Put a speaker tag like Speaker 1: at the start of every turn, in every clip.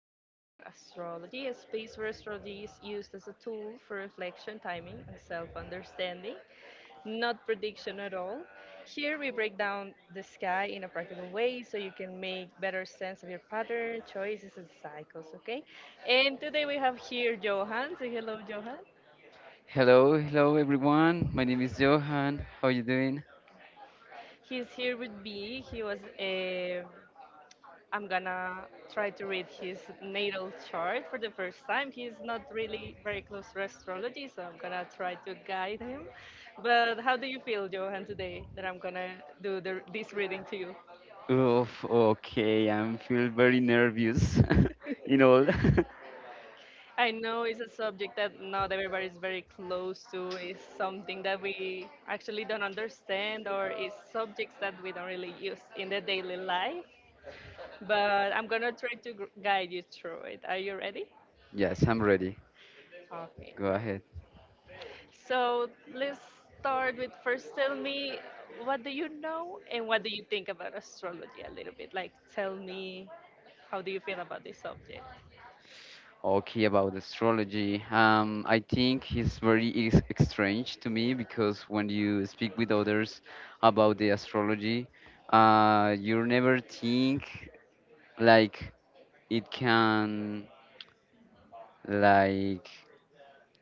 Speaker 1: for astrology, a space where astrology is used as a tool for reflection, timing, and self understanding, not prediction at all. Here we break down the sky in a practical way so you can make better sense of your pattern, choices, and cycles, okay? And today we have here Johan. Say hello, Johan.
Speaker 2: Hello, hello everyone. My name is Johan. How are you doing?
Speaker 1: He's here with me. He was a I'm gonna try to read his natal chart for the first time. He's not really very close to astrology, so I'm gonna try to guide him. But how do you feel, Johan, today that I'm gonna do this reading to you?
Speaker 2: Oof, okay. I'm feel very nervous. you know.
Speaker 1: I know it's a subject that not everybody is very close to. It's something that we actually don't understand, or is subjects that we don't really use in the daily life. But I'm gonna try to guide you through it. Are you ready?
Speaker 2: Yes, I'm ready.
Speaker 1: Okay,
Speaker 2: Go ahead.
Speaker 1: perfect. So let's start with first tell me what do you know and what do you think about astrology a little bit? Like tell me how do you feel about this subject?
Speaker 2: Okay, about astrology. I think it's very ex strange to me because when you speak with others about the astrology, you never think like it can like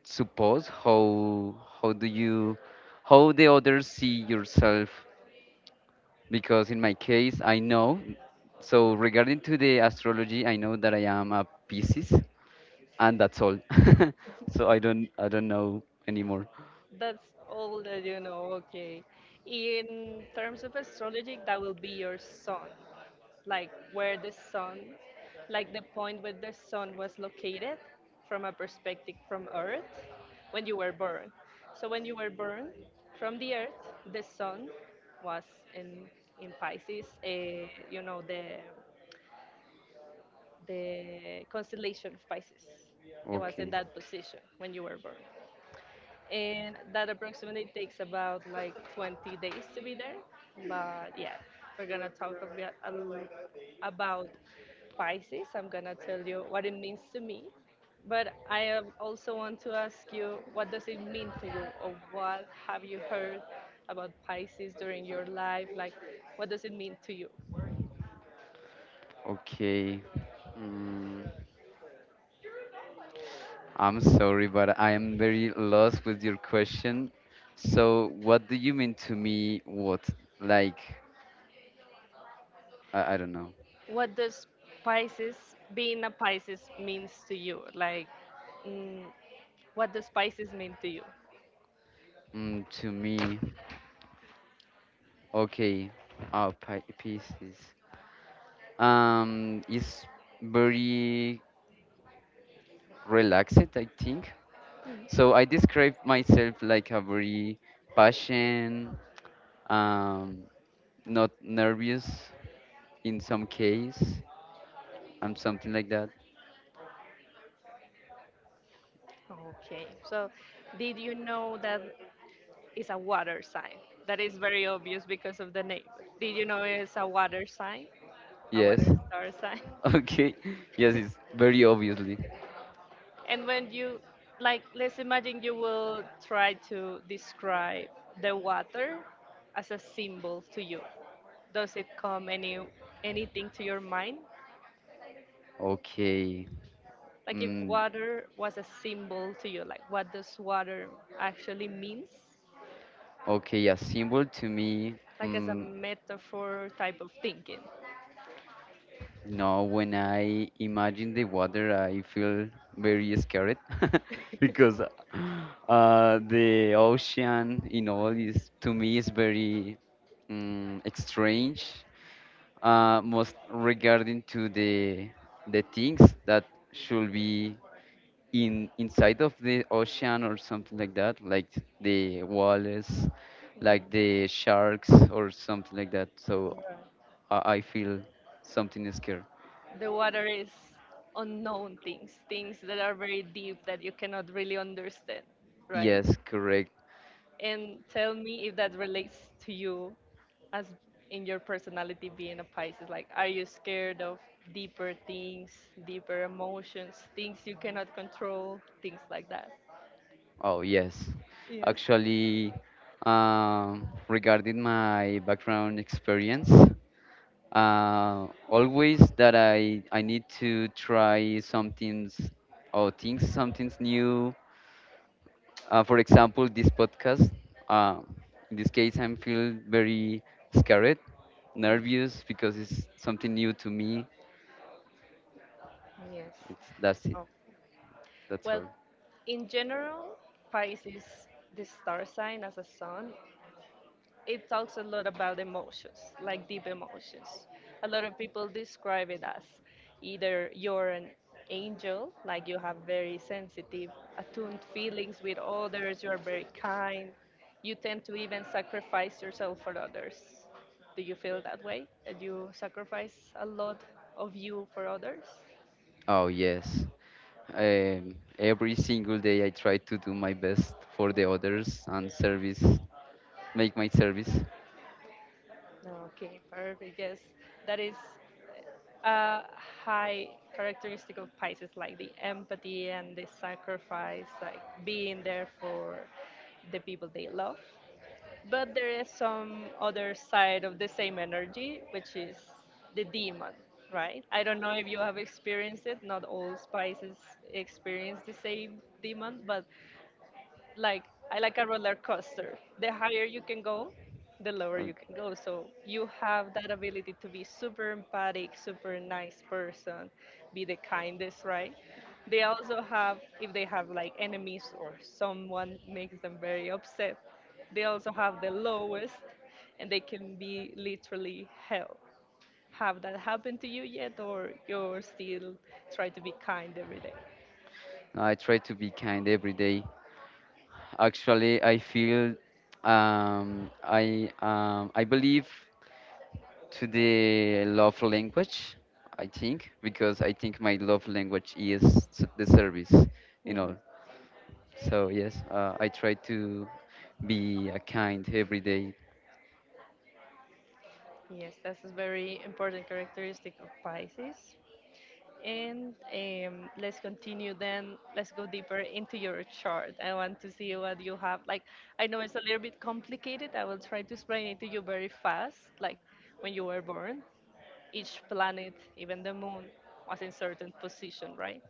Speaker 2: suppose how do you how the others see yourself because in my case I know. So regarding to the astrology, I know that I am a Pisces and that's all. So I don't know anymore.
Speaker 1: That's all that you know. Okay. In terms of astrology, that will be your sun, like where the sun, like the point where the sun was located from a perspective from Earth when you were born. So when you were born from the Earth, the sun was in in Pisces. You know the constellation of Pisces. It was in
Speaker 2: Okay,
Speaker 1: that position when you were born and that approximately takes about like 20 days to be there. But yeah, we're gonna talk a bit a l- about Pisces. I'm gonna tell you what it means to me, but I am also want to ask you what does it mean to you, or what have you heard about Pisces during your life? Like, what does it mean to you?
Speaker 2: okay. mm, I'm sorry but I am very lost with your question. So what do you mean to me what like I don't know.
Speaker 1: What does Pisces being a Pisces means to you? Like, mm, what does Pisces mean to you?
Speaker 2: To me. Okay, pieces. It's very relaxed, I think. So I describe myself like a very patient, um, not nervous in some case, and something like that.
Speaker 1: Okay, so did you know that it's a water sign? That is very obvious because of the name. Did you know it's a water sign? A
Speaker 2: Yes.
Speaker 1: water star sign?
Speaker 2: Okay. Yes, it's very obviously.
Speaker 1: And when you, like, let's imagine you will try to describe the water as a symbol to you. Does it come anything to your mind?
Speaker 2: Okay.
Speaker 1: Like if
Speaker 2: Mm,
Speaker 1: water was a symbol to you, like what does water actually means?
Speaker 2: okay, a symbol to me.
Speaker 1: Like as a
Speaker 2: Mm,
Speaker 1: metaphor type of thinking.
Speaker 2: No, when I imagine the water, I feel very scared because the ocean in all is to me is very strange. Most regarding to the things that should be in inside of the ocean or something like that, like the walls, like
Speaker 1: Yeah.
Speaker 2: the sharks or something like that.
Speaker 1: You're
Speaker 2: So
Speaker 1: right.
Speaker 2: I feel something scared.
Speaker 1: The water is unknown things, things that are very deep that you cannot really understand, right?
Speaker 2: Yes, correct.
Speaker 1: And tell me if that relates to you as in your personality being a Pisces. Like, are you scared of deeper things, deeper emotions, things you cannot control, things like that?
Speaker 2: Oh, yes.
Speaker 1: Yes.
Speaker 2: Actually, regarding my background experience, always that I need to try some things or things something's new. For example, this podcast. Uh, in this case, I am feel very scared, nervous because it's something new to me.
Speaker 1: Yes.
Speaker 2: It's that's it.
Speaker 1: Oh,
Speaker 2: That's
Speaker 1: well,
Speaker 2: all.
Speaker 1: in general, Pisces, the star sign as a sun, it talks a lot about emotions, like deep emotions. A lot of people describe it as either you're an angel, like you have very sensitive, attuned feelings with others, you are very kind, you tend to even sacrifice yourself for others. Do you feel that way? That you sacrifice a lot of you for others?
Speaker 2: Oh, yes. Every single day I try to do my best for the others and service, make my service.
Speaker 1: No, okay, perfect. Yes, that is. uh, High characteristic of Pisces, like the empathy and the sacrifice, like being there for the people they love. But there is some other side of the same energy, which is the demon, right? I don't know if you have experienced it. Not all Pisces experience the same demon, but like I like a roller coaster. The higher you can go, the lower you
Speaker 2: Okay.
Speaker 1: can go. So you have that ability to be super empathic, super nice person, be the kindest, right? They also have if they have like enemies or someone makes them very upset, they also have the lowest and they can be literally hell. Have that happened to you yet or you're still trying to be kind every day?
Speaker 2: I try to be kind every day. Actually, I feel I believe to the love language, I think, because I think my love language is the service, you know. So yes, I try to be a kind every day.
Speaker 1: Yes, that's a very important characteristic of Pisces. And let's continue then. Let's go deeper into your chart. I want to see what you have. Like, I know it's a little bit complicated. I will try to explain it to you very fast. Like, when you were born, each planet, even the moon, was in certain position, right?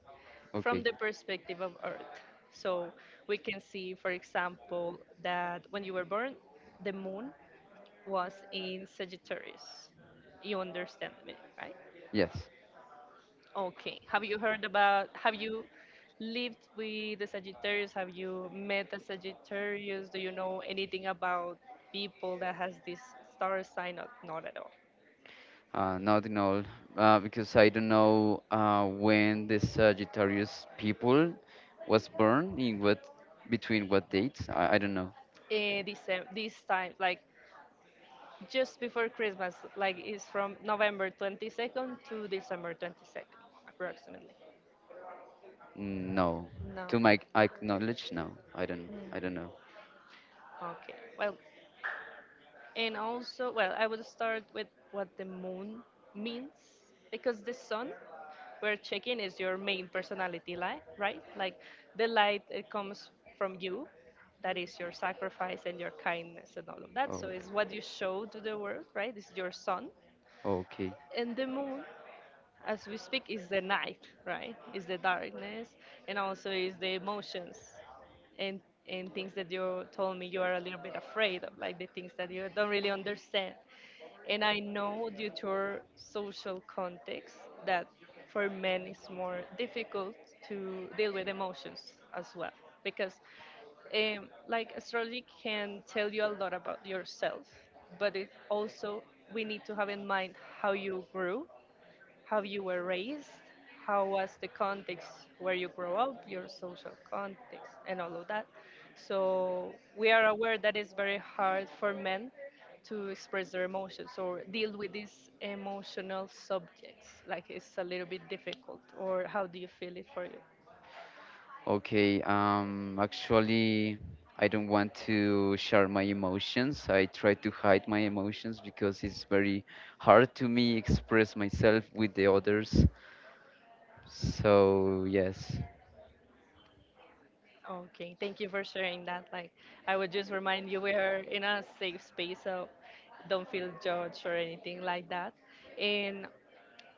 Speaker 1: From
Speaker 2: Okay.
Speaker 1: the perspective of Earth. So we can see, for example, that when you were born, the moon was in Sagittarius. You understand me, right?
Speaker 2: Yes,
Speaker 1: Okay. Have you lived with the Sagittarius? Have you met a Sagittarius? Do you know anything about people that has this star sign? Not at all.
Speaker 2: not in all, because I don't know when the Sagittarius people was born in what between what dates. I don't know.
Speaker 1: This time, like just before Christmas, like it's from November 22nd to December 22nd, approximately.
Speaker 2: No,
Speaker 1: No.
Speaker 2: to my I knowledge, no, I don't. I don't know.
Speaker 1: Okay. Well, and also, well, I would start with what the moon means because the sun we're checking is your main personality light, right? Like the light it comes from you, that is your sacrifice and your kindness and all of that.
Speaker 2: Oh,
Speaker 1: So it's what you show to the world, right? This is your sun.
Speaker 2: okay.
Speaker 1: And the moon as we speak is the night, right, is the darkness, and also is the emotions and things that you told me you are a little bit afraid of, like the things that you don't really understand. And I know due to our social context that for men it's more difficult to deal with emotions as well because like astrology can tell you a lot about yourself, but it also we need to have in mind how you grew, how you were raised, how was the context where you grow up, your social context, and all of that. So we are aware that it's very hard for men to express their emotions or deal with these emotional subjects. Like it's a little bit difficult. Or how do you feel it for you?
Speaker 2: Okay, actually, I don't want to share my emotions. I try to hide my emotions because it's very hard to me express myself with the others. So, yes,
Speaker 1: Okay, thank you for sharing that. Like I would just remind you we are in a safe space, so don't feel judged or anything like that. And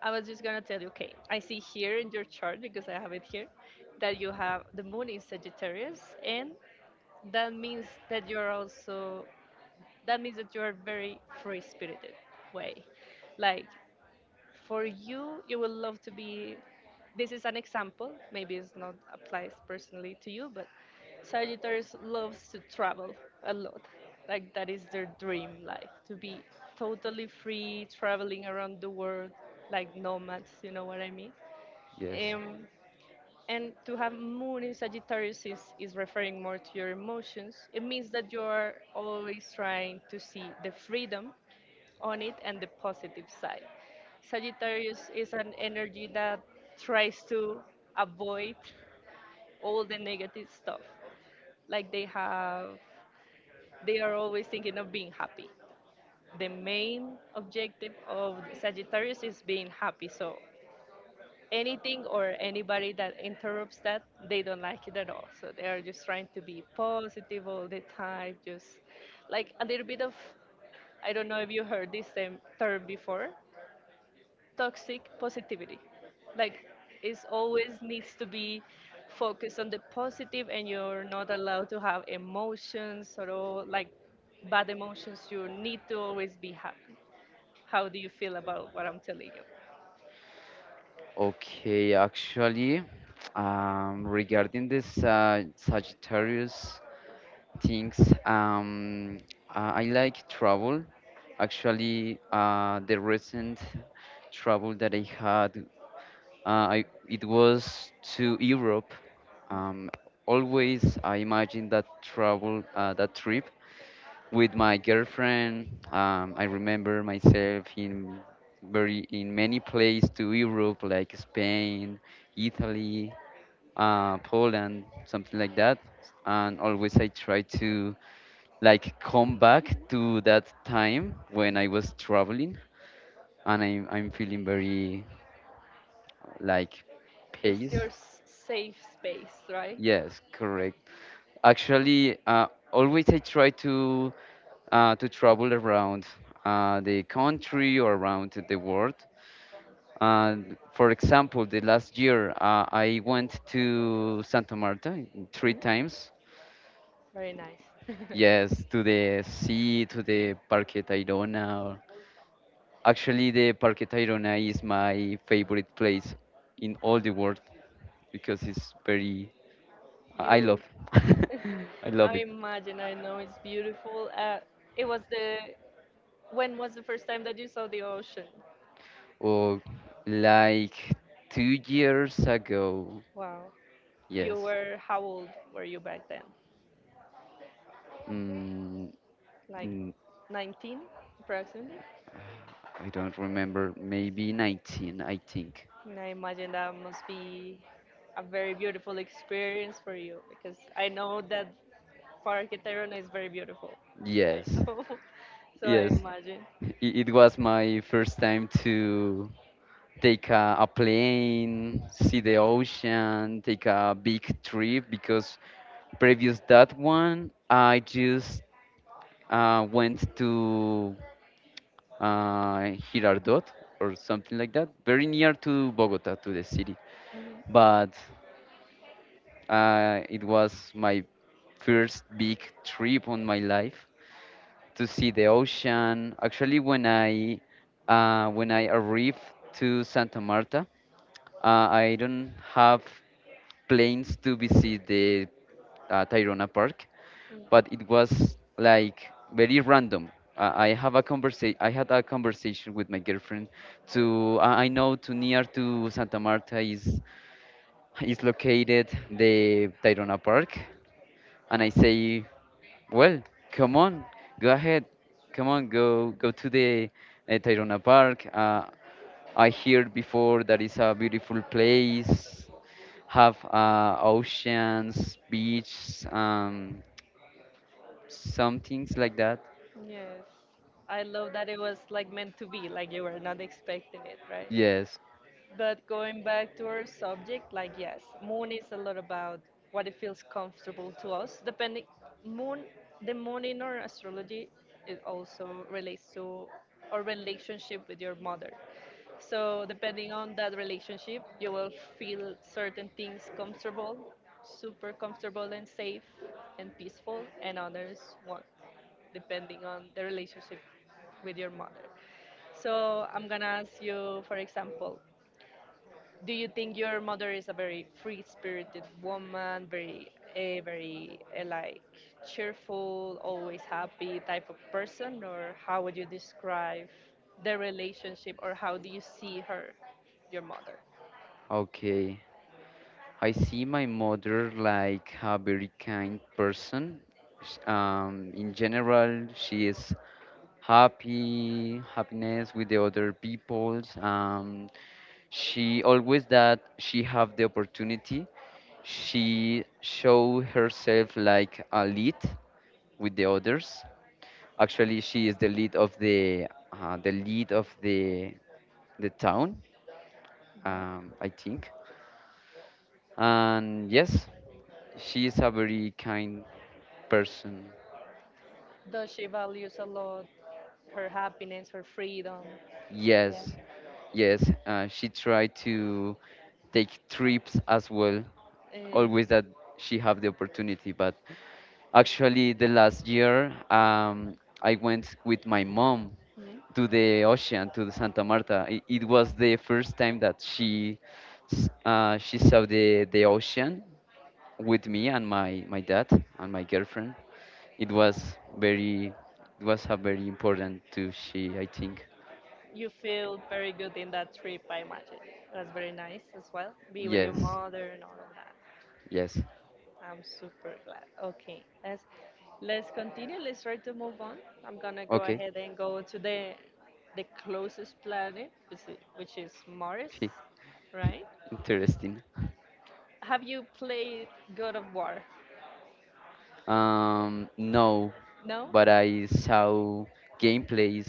Speaker 1: I was just gonna tell you, okay, I see here in your chart because I have it here that you have the moon in Sagittarius, and that means that you're also that means that you are very free spirited way. Like for you would love to be, this is an example, maybe it's not applies personally to you, but Sagittarius loves to travel a lot, like that is their dream life, to be totally free traveling around the world like nomads, you know what I mean.
Speaker 2: yes.
Speaker 1: um, and to have moon in Sagittarius is referring more to your emotions. It means that you are always trying to see the freedom on it and the positive side. Sagittarius is an energy that tries to avoid all the negative stuff. Like they have, they are always thinking of being happy. The main objective of Sagittarius is being happy. So anything or anybody that interrupts that, they don't like it at all. So they are just trying to be positive all the time, just like a little bit of, I don't know if you heard this term before, toxic positivity. Like, it always needs to be focused on the positive, and you're not allowed to have emotions or all, like bad emotions. You need to always be happy. How do you feel about what I'm telling you?
Speaker 2: Okay, actually, regarding this Sagittarius things, I like travel. Actually, the recent travel that I had, Uh, it was to Europe. Um, always, I imagine that travel, that trip with my girlfriend. I remember myself in very in many places to Europe, like Spain, Italy, Poland, something like that. And always, I try to like come back to that time when I was traveling, and I'm feeling very like
Speaker 1: It's
Speaker 2: pace.
Speaker 1: your safe space, right?
Speaker 2: Yes, correct. Actually, always I try to travel around the country or around the world. And for example, the last year I went to Santa Marta three
Speaker 1: Mm,
Speaker 2: times.
Speaker 1: very nice.
Speaker 2: Yes, to the sea, to the Parque Tayrona. Actually, the Parque Tayrona is my favorite place in all the world because it's very. I love.
Speaker 1: you
Speaker 2: I love
Speaker 1: I
Speaker 2: it.
Speaker 1: imagine, I know it's beautiful. It was the, when was the first time that you saw the ocean?
Speaker 2: Well, like 2 years ago,
Speaker 1: Wow. You
Speaker 2: yes.
Speaker 1: were, how old were you back then?
Speaker 2: Mm,
Speaker 1: Like
Speaker 2: mm,
Speaker 1: 19 approximately?
Speaker 2: I don't remember. Maybe 19, I think.
Speaker 1: And I imagine that must be a very beautiful experience for you because I know that Parque Tayrona is very beautiful. I
Speaker 2: Yes,
Speaker 1: know. So I
Speaker 2: yes.
Speaker 1: imagine.
Speaker 2: It was my first time to take a plane, see the ocean, take a big trip because previous that one, I just went to uh, Girardot or something like that, very near to Bogota, to the city.
Speaker 1: Mhm.
Speaker 2: But it was my first big trip on my life to see the ocean. Actually, when I arrived to Santa Marta, I don't have planes to visit the Tayrona Park,
Speaker 1: Mm.
Speaker 2: but it was like very random. I had a conversation with my girlfriend. To I know to near to Santa Marta is located the Tayrona Park, and I say, well, come on, go ahead, come on, go to the Tayrona Park. I heard before that it's a beautiful place, have oceans, beaches, some things like that.
Speaker 1: Yes. I love that it was like meant to be, like you were not expecting it, right?
Speaker 2: Yes,
Speaker 1: But going back to our subject, like yes, moon is a lot about what it feels comfortable to us. Moon, the moon in our astrology, it also relates to our relationship with your mother. So depending on that relationship, you will feel certain things comfortable, super comfortable and safe and peaceful, and others won't, depending on the relationship with your mother. So I'm gonna ask you, for example, do you think your mother is a very free-spirited woman, a very like cheerful, always happy type of person, or how would you describe the relationship, or how do you see her, your mother?
Speaker 2: okay. I see my mother like a very kind person. In general, she is happy, happiness with the other peoples. She always that she have the opportunity, she show herself like a lead with the others. Actually, she is the lead of the town,
Speaker 1: Mhm.
Speaker 2: I think. And yes. She's a very kind person.
Speaker 1: Does she values a lot her happiness, her freedom? Yeah.
Speaker 2: Yes, yes. She tried to take trips as well.
Speaker 1: Uh,
Speaker 2: Always that she have the opportunity. But actually, the last year, I went with my mom
Speaker 1: mhm.
Speaker 2: to the ocean to the Santa Marta. It was the first time that she saw the ocean with me and my dad and my girlfriend. It was very, it was a very important to she, I think.
Speaker 1: You feel very good in that trip, I imagine. It was very nice as well. Be with your
Speaker 2: Yes,
Speaker 1: mother and all of that.
Speaker 2: yes.
Speaker 1: I'm super glad. Okay, let's continue. Let's try to move on. I'm gonna go
Speaker 2: Okay,
Speaker 1: ahead and go to the closest planet, which is Mars,
Speaker 2: okay.
Speaker 1: right?
Speaker 2: Interesting.
Speaker 1: Have you played God of War?
Speaker 2: No,
Speaker 1: No?
Speaker 2: but I saw gameplays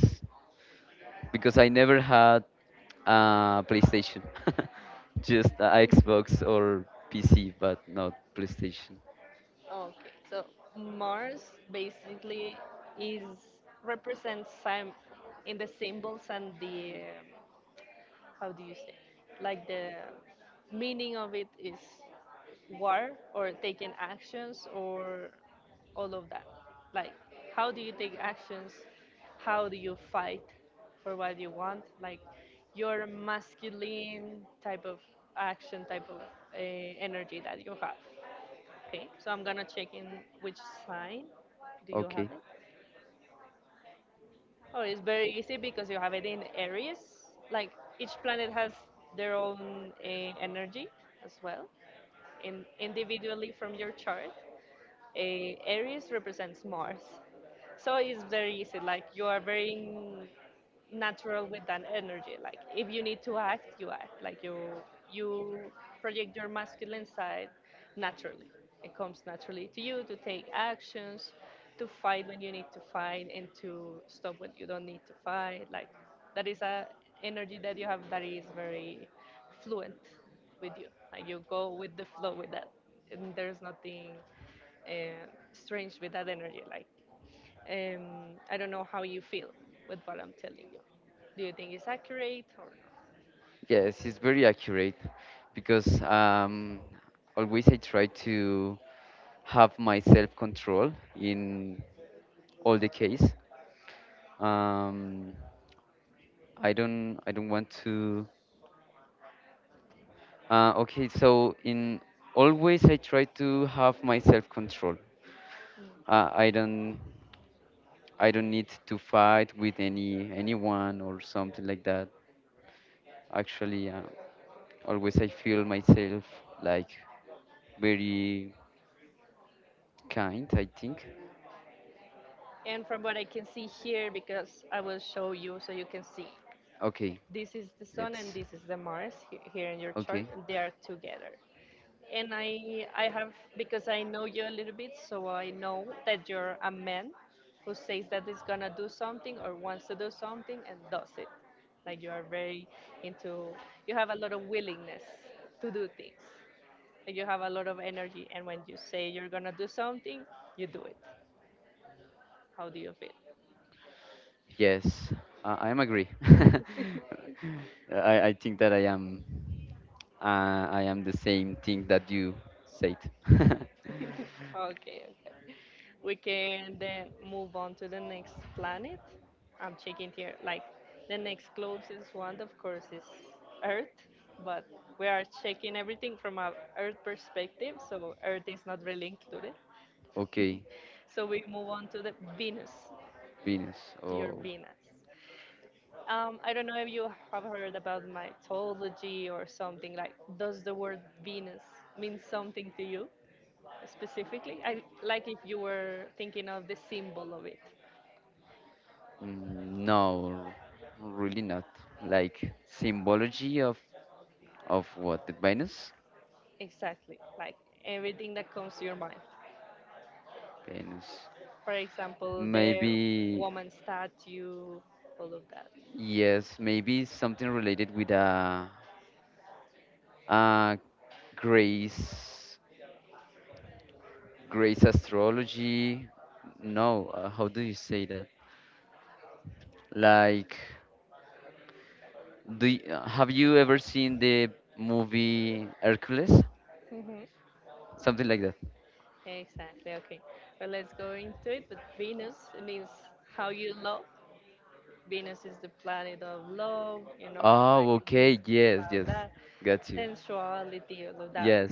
Speaker 2: because I never had PlayStation, just a Xbox or PC, but not PlayStation.
Speaker 1: Okay, so Mars basically is represents Sam in the symbols and the how do you say like the meaning of it is war or taking actions or all of that, like how do you take actions, how do you fight for what you want, like your masculine type of action, type of energy that you have. Okay, so I'm gonna check in which sign do you
Speaker 2: Okay.
Speaker 1: have it. Oh, it's very easy because you have it in areas. Like each planet has their own energy as well, individually from your chart. Aries represents Mars, so it's very easy. Like you are very in natural with that energy. Like if you need to act, you act. Like you project your masculine side naturally. It comes naturally to you to take actions, to fight when you need to fight, and to stop when you don't need to fight. Like that is a energy that you have that is very fluent with you. Like you go with the flow with that, and there's nothing uh, strange with that energy. Like I don't know how you feel with what I'm telling you. Do you think it's accurate or not?
Speaker 2: Yes, it's very accurate because always I try to have my self control in all the case. Um, I don't want to. Okay, so in always I try to have my self control.
Speaker 1: Mm.
Speaker 2: Uh, I don't I don't need to fight with anyone or something like that. Actually, always I feel myself like very kind, I think.
Speaker 1: And from what I can see here, because I will show you so you can see,
Speaker 2: Okay,
Speaker 1: this is the Sun and
Speaker 2: let's.
Speaker 1: this is the Mars here in your chart,
Speaker 2: Okay.
Speaker 1: and they are together. And I have, because I know you a little bit, so I know that you're a man who says that he's gonna do something or wants to do something and does it. Like you are very into, you have a lot of willingness to do things, and you have a lot of energy. And when you say you're gonna do something, you do it. How do you feel?
Speaker 2: Yes, I am agree. I think that I am the same thing that you said.
Speaker 1: Okay, okay. We can then move on to the next planet. I'm checking here. Like the next closest one, of course, is Earth, but we are checking everything from a Earth perspective, so Earth is not really included.
Speaker 2: Okay,
Speaker 1: So we move on to the Venus,
Speaker 2: Venus.
Speaker 1: to your
Speaker 2: Oh,
Speaker 1: Venus. I don't know if you have heard about mythology or something like. Does the word Venus mean something to you specifically? I like if you were thinking of the symbol of it.
Speaker 2: no, really not. Like symbology of what the Venus?
Speaker 1: Exactly, like everything that comes to your mind.
Speaker 2: Venus.
Speaker 1: For example, the
Speaker 2: Maybe
Speaker 1: woman statue, all of that.
Speaker 2: yes. Maybe something related with a Uh, Grace, Grace astrology. No, how do you say that? Like, do y have you ever seen the movie Hercules?
Speaker 1: Hmm.
Speaker 2: Something like that.
Speaker 1: Exactly. Okay. Well, let's go into it. But Venus it means how you love. Venus is the planet of love, you know, like
Speaker 2: Oh,
Speaker 1: it means
Speaker 2: okay. Yes,
Speaker 1: about
Speaker 2: yes.
Speaker 1: that,
Speaker 2: Got you.
Speaker 1: sensuality, all of that.
Speaker 2: Yes.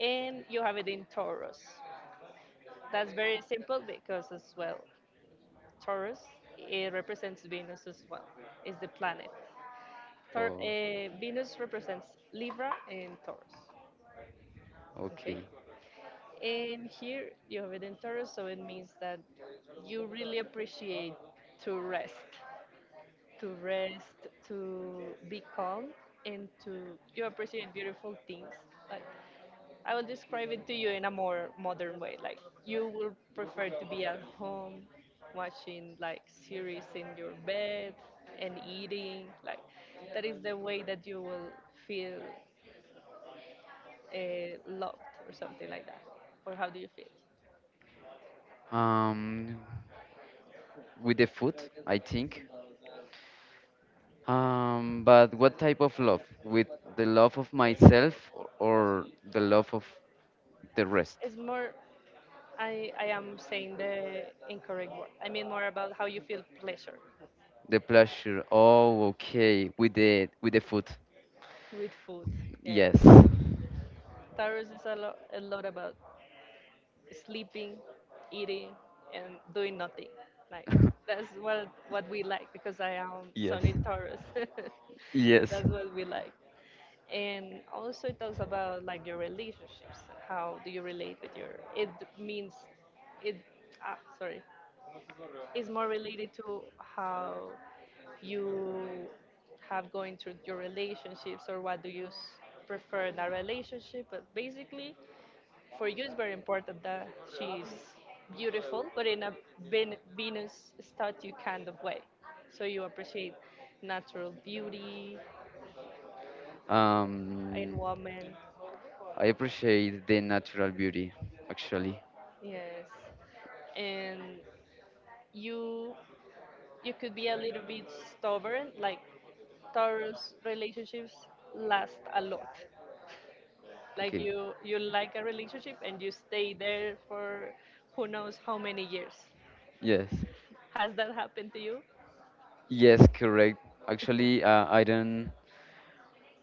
Speaker 1: And you have it in Taurus. That's very simple because, as well, Taurus it represents Venus as well, is the planet.
Speaker 2: Oh,
Speaker 1: Venus represents Libra and Taurus. Okay?
Speaker 2: okay.
Speaker 1: And here you have it in Taurus, so it means that you really appreciate to rest. To rest, to be calm, and to you appreciate beautiful things. Like I will describe it to you in a more modern way. Like you will prefer to be at home, watching like series in your bed and eating. Like that is the way that you will feel loved or something like that. Or how do you feel?
Speaker 2: Um, with the food, I think. But what type of love? With the love of myself or the love of the rest,
Speaker 1: It's more. I am saying the incorrect word. I mean more about how you feel pleasure
Speaker 2: the pleasure. Oh, okay, with the food.
Speaker 1: with food. Yes.
Speaker 2: Yes.
Speaker 1: Taurus is a lot about sleeping, eating, and doing nothing. Like that's what we like because I am
Speaker 2: Yes.
Speaker 1: Sun in Taurus, so yes.
Speaker 2: Yes.
Speaker 1: That's what we like. And also it talks about like your relationships. How do you relate with your? It means it. Ah, sorry. It's more related to how you have going through your relationships or what do you prefer in a relationship, but basically for you it's very important that she's beautiful, but in a Venus statue kind of way. So you appreciate natural beauty in
Speaker 2: Um,
Speaker 1: woman.
Speaker 2: I appreciate the natural beauty, actually.
Speaker 1: Yes, and you could be a little bit stubborn. Like Taurus relationships last a lot. Like
Speaker 2: Okay.
Speaker 1: you like a relationship and you stay there for who knows how many years.
Speaker 2: Yes.
Speaker 1: Has that happened to you?
Speaker 2: Yes, correct. Actually, uh, I don't.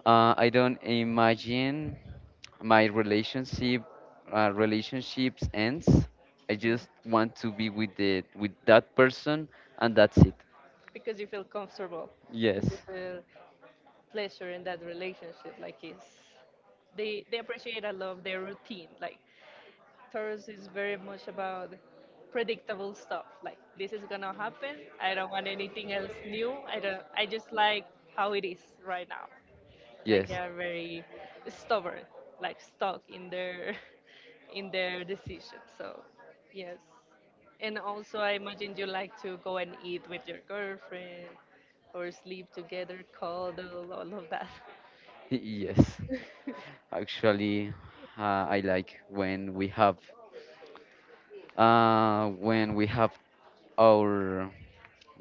Speaker 2: Uh, I don't imagine my relationship relationships ends. I
Speaker 1: Mm.
Speaker 2: just want to be with the with that person and that's it.
Speaker 1: Because you feel comfortable, because
Speaker 2: Yes,
Speaker 1: you feel pleasure in that relationship. Like it's they appreciate a lot of their routine. Like Taurus is very much about predictable stuff. Like this is gonna happen. I don't want anything else new. I don't. I just like how it is right now. Like
Speaker 2: yes,
Speaker 1: they are very stubborn, like stuck in their in their decision. So yes. And also I imagine you like to go and eat with your girlfriend or sleep together, cuddle, all of that.
Speaker 2: yes. Actually, I like when we have uh, when we have our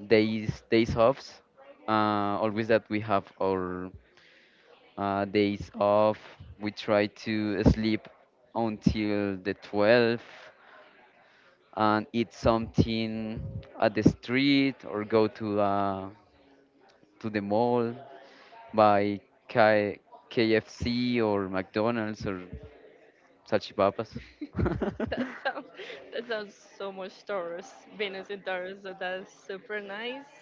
Speaker 2: days offs. Always that we have our days off. We try to sleep until the 12th and eat something at the street or go to the mall buy K- KFC or McDonald's or salchipapas.
Speaker 1: That sounds that sounds so much Taurus, Venus in Taurus, so that's super nice.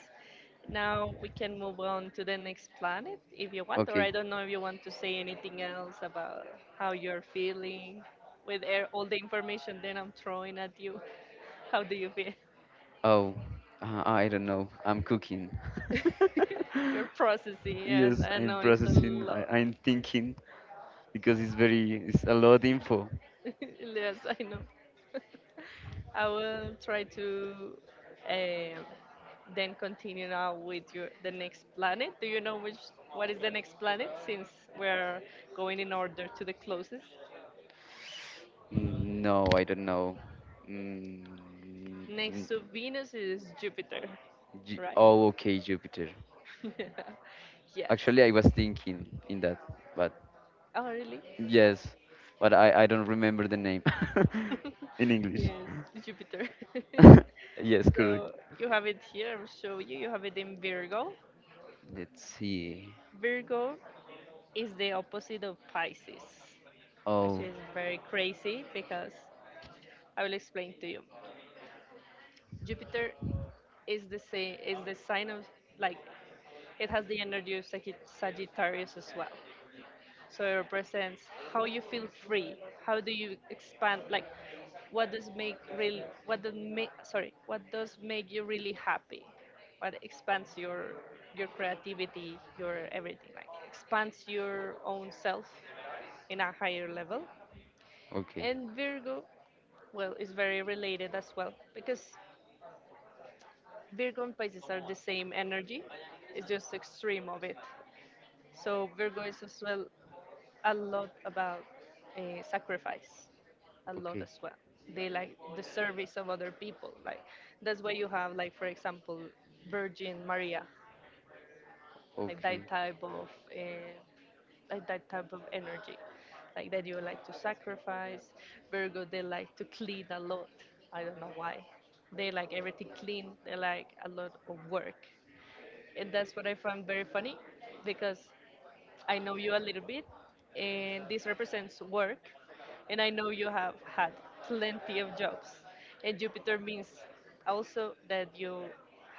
Speaker 1: Now we can move on to the next planet if you want, or
Speaker 2: Okay.
Speaker 1: I don't know if you want to say anything else about how you're feeling with air, all the information that I'm throwing at you. How do you feel?
Speaker 2: Oh, I don't know. I'm cooking.
Speaker 1: You're processing, yes,
Speaker 2: Yes,
Speaker 1: I
Speaker 2: I'm
Speaker 1: know it's a
Speaker 2: processing. I,
Speaker 1: lot.
Speaker 2: I'm thinking because it's a lot of info.
Speaker 1: Yes, I know. I will try to um, then continue now with your the next planet. Do you know which what is the next planet since we're going in order to the closest?
Speaker 2: No, I don't know. Mm, mm,
Speaker 1: Next to Venus is Jupiter, right?
Speaker 2: Oh, okay, Jupiter.
Speaker 1: Yes.
Speaker 2: Actually, I was thinking in that, but
Speaker 1: Oh, really?
Speaker 2: yes, but I don't remember the name in English.
Speaker 1: Yes, Jupiter.
Speaker 2: Yes, correct.
Speaker 1: So you have it here. I'll show you. You have it in Virgo.
Speaker 2: Let's see.
Speaker 1: Virgo is the opposite of Pisces, which
Speaker 2: Oh,
Speaker 1: is very crazy because I will explain to you. Jupiter is the same is the sign of, like, it has the energy of Sagittarius as well. So it represents how you feel free, how do you expand, like what does make real what does make, sorry, what does make you really happy? What expands your creativity, your everything, like expands your own self in a higher level.
Speaker 2: okay,
Speaker 1: And Virgo, well, it's very related as well because Virgo and Pisces are the same energy, it's just extreme of it. So Virgo is as well a lot about sacrifice, a lot
Speaker 2: okay,
Speaker 1: as well. They like the service of other people. Like that's why you have, like for example, Virgin Maria, like
Speaker 2: okay,
Speaker 1: that type of uh, like that type of energy, like that you like to sacrifice. Virgo, they like to clean a lot. I don't know why. They like everything clean. They like a lot of work, and that's what I found very funny, because I know you a little bit, and this represents work, and I know you have had plenty of jobs, and Jupiter means also that you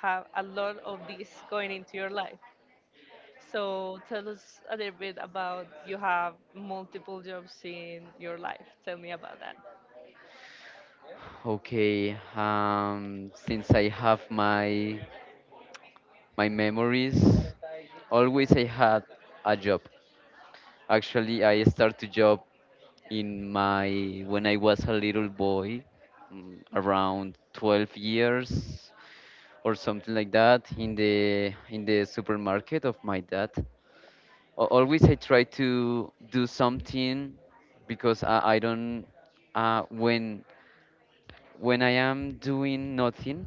Speaker 1: have a lot of this going into your life, so tell us a little bit about you have multiple jobs in your life. Tell me about that.
Speaker 2: okay. Since I have my memories, always I had a job. Actually, I start to job in my when I was a little boy, around 12 years or something like that, in the supermarket of my dad. Always I try to do something because I don't uh, when when I am doing nothing,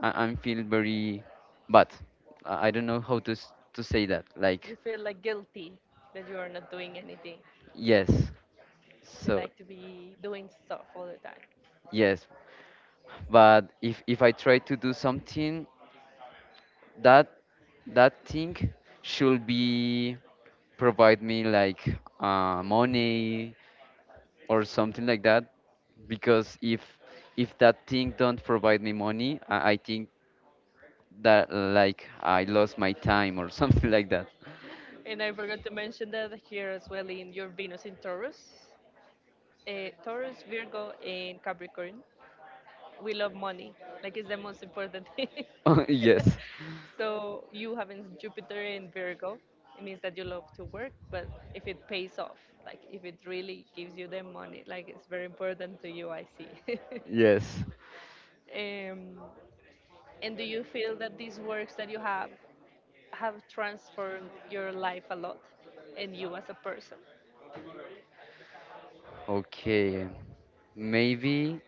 Speaker 2: I'm feel very bad. I don't know how to say that.
Speaker 1: You
Speaker 2: Like
Speaker 1: feel like guilty that you are not doing anything.
Speaker 2: yes,
Speaker 1: You
Speaker 2: so
Speaker 1: like to be doing stuff all the time.
Speaker 2: yes, but if I try to do something, that that thing should be provide me like money or something like that because if that thing don't provide me money I think that like I lost my time or something like that.
Speaker 1: And I forgot to mention that here as well in your Venus in Taurus, Taurus, Virgo, and Capricorn. We love money. Like it's the most important thing.
Speaker 2: Yes,
Speaker 1: So you having Jupiter in Virgo, it means that you love to work, but if it pays off, like if it really gives you the money, like it's very important to you, I see.
Speaker 2: yes,
Speaker 1: Um, and do you feel that these works that you have transformed your life a lot and you as a person?
Speaker 2: okay. Maybe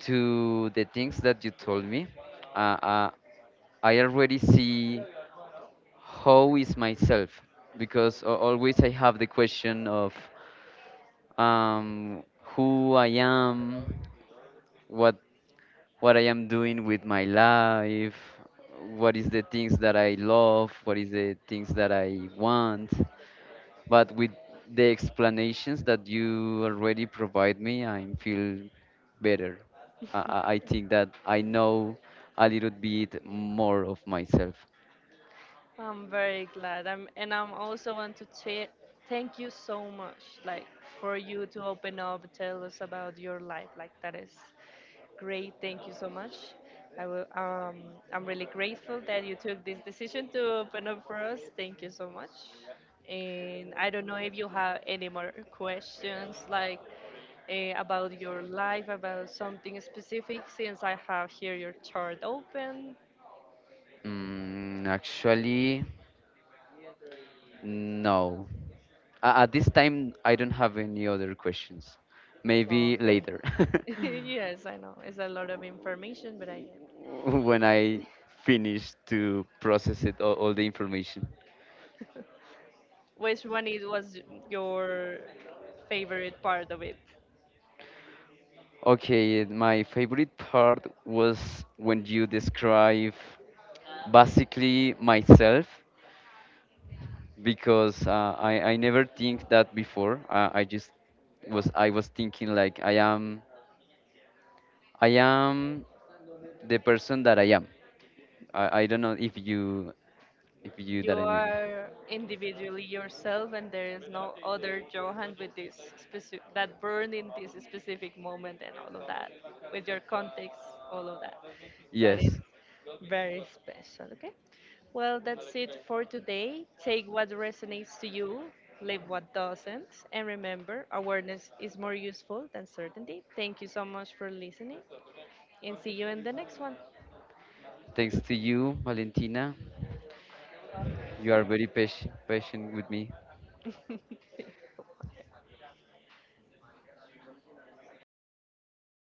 Speaker 2: to the things that you told me uh, uh, I already see how is myself because always I have the question of um, who I am, what I am doing with my life, what is the things that I love, what is the things that I want. But with the explanations that you already provide me, I feel better. I think that I know a little bit more of myself.
Speaker 1: I'm very glad. And I'm also want to thank you so much, like for you to open up, tell us about your life. Like that is great. Thank you so much. I will. I'm really grateful that you took this decision to open up for us. Thank you so much. And I don't know if you have any more questions, like about your life, about something specific, since I have here your chart open.
Speaker 2: Actually, no. At this time, I don't have any other questions. Maybe
Speaker 1: Okay.
Speaker 2: later,
Speaker 1: Yes, I know. It's a lot of information, but I can.
Speaker 2: when I finish to process it all the information.
Speaker 1: Which one it was your favorite part of it?
Speaker 2: Okay, my favorite part was when you describe basically myself because I never think that before. I was thinking like I am, I am the person that I am. I don't know if you
Speaker 1: You
Speaker 2: that I mean.
Speaker 1: are individually yourself, and there is no other Johan with this specific that burned in this specific moment and all of that, with your context, all of that. That is
Speaker 2: Yes.
Speaker 1: very special. Okay. Well, that's it for today. Take what resonates to you, leave what doesn't, and remember, awareness is more useful than certainty. Thank you so much for listening, and see you in the next one.
Speaker 2: Thanks to you, Valentina. You are very patient with me.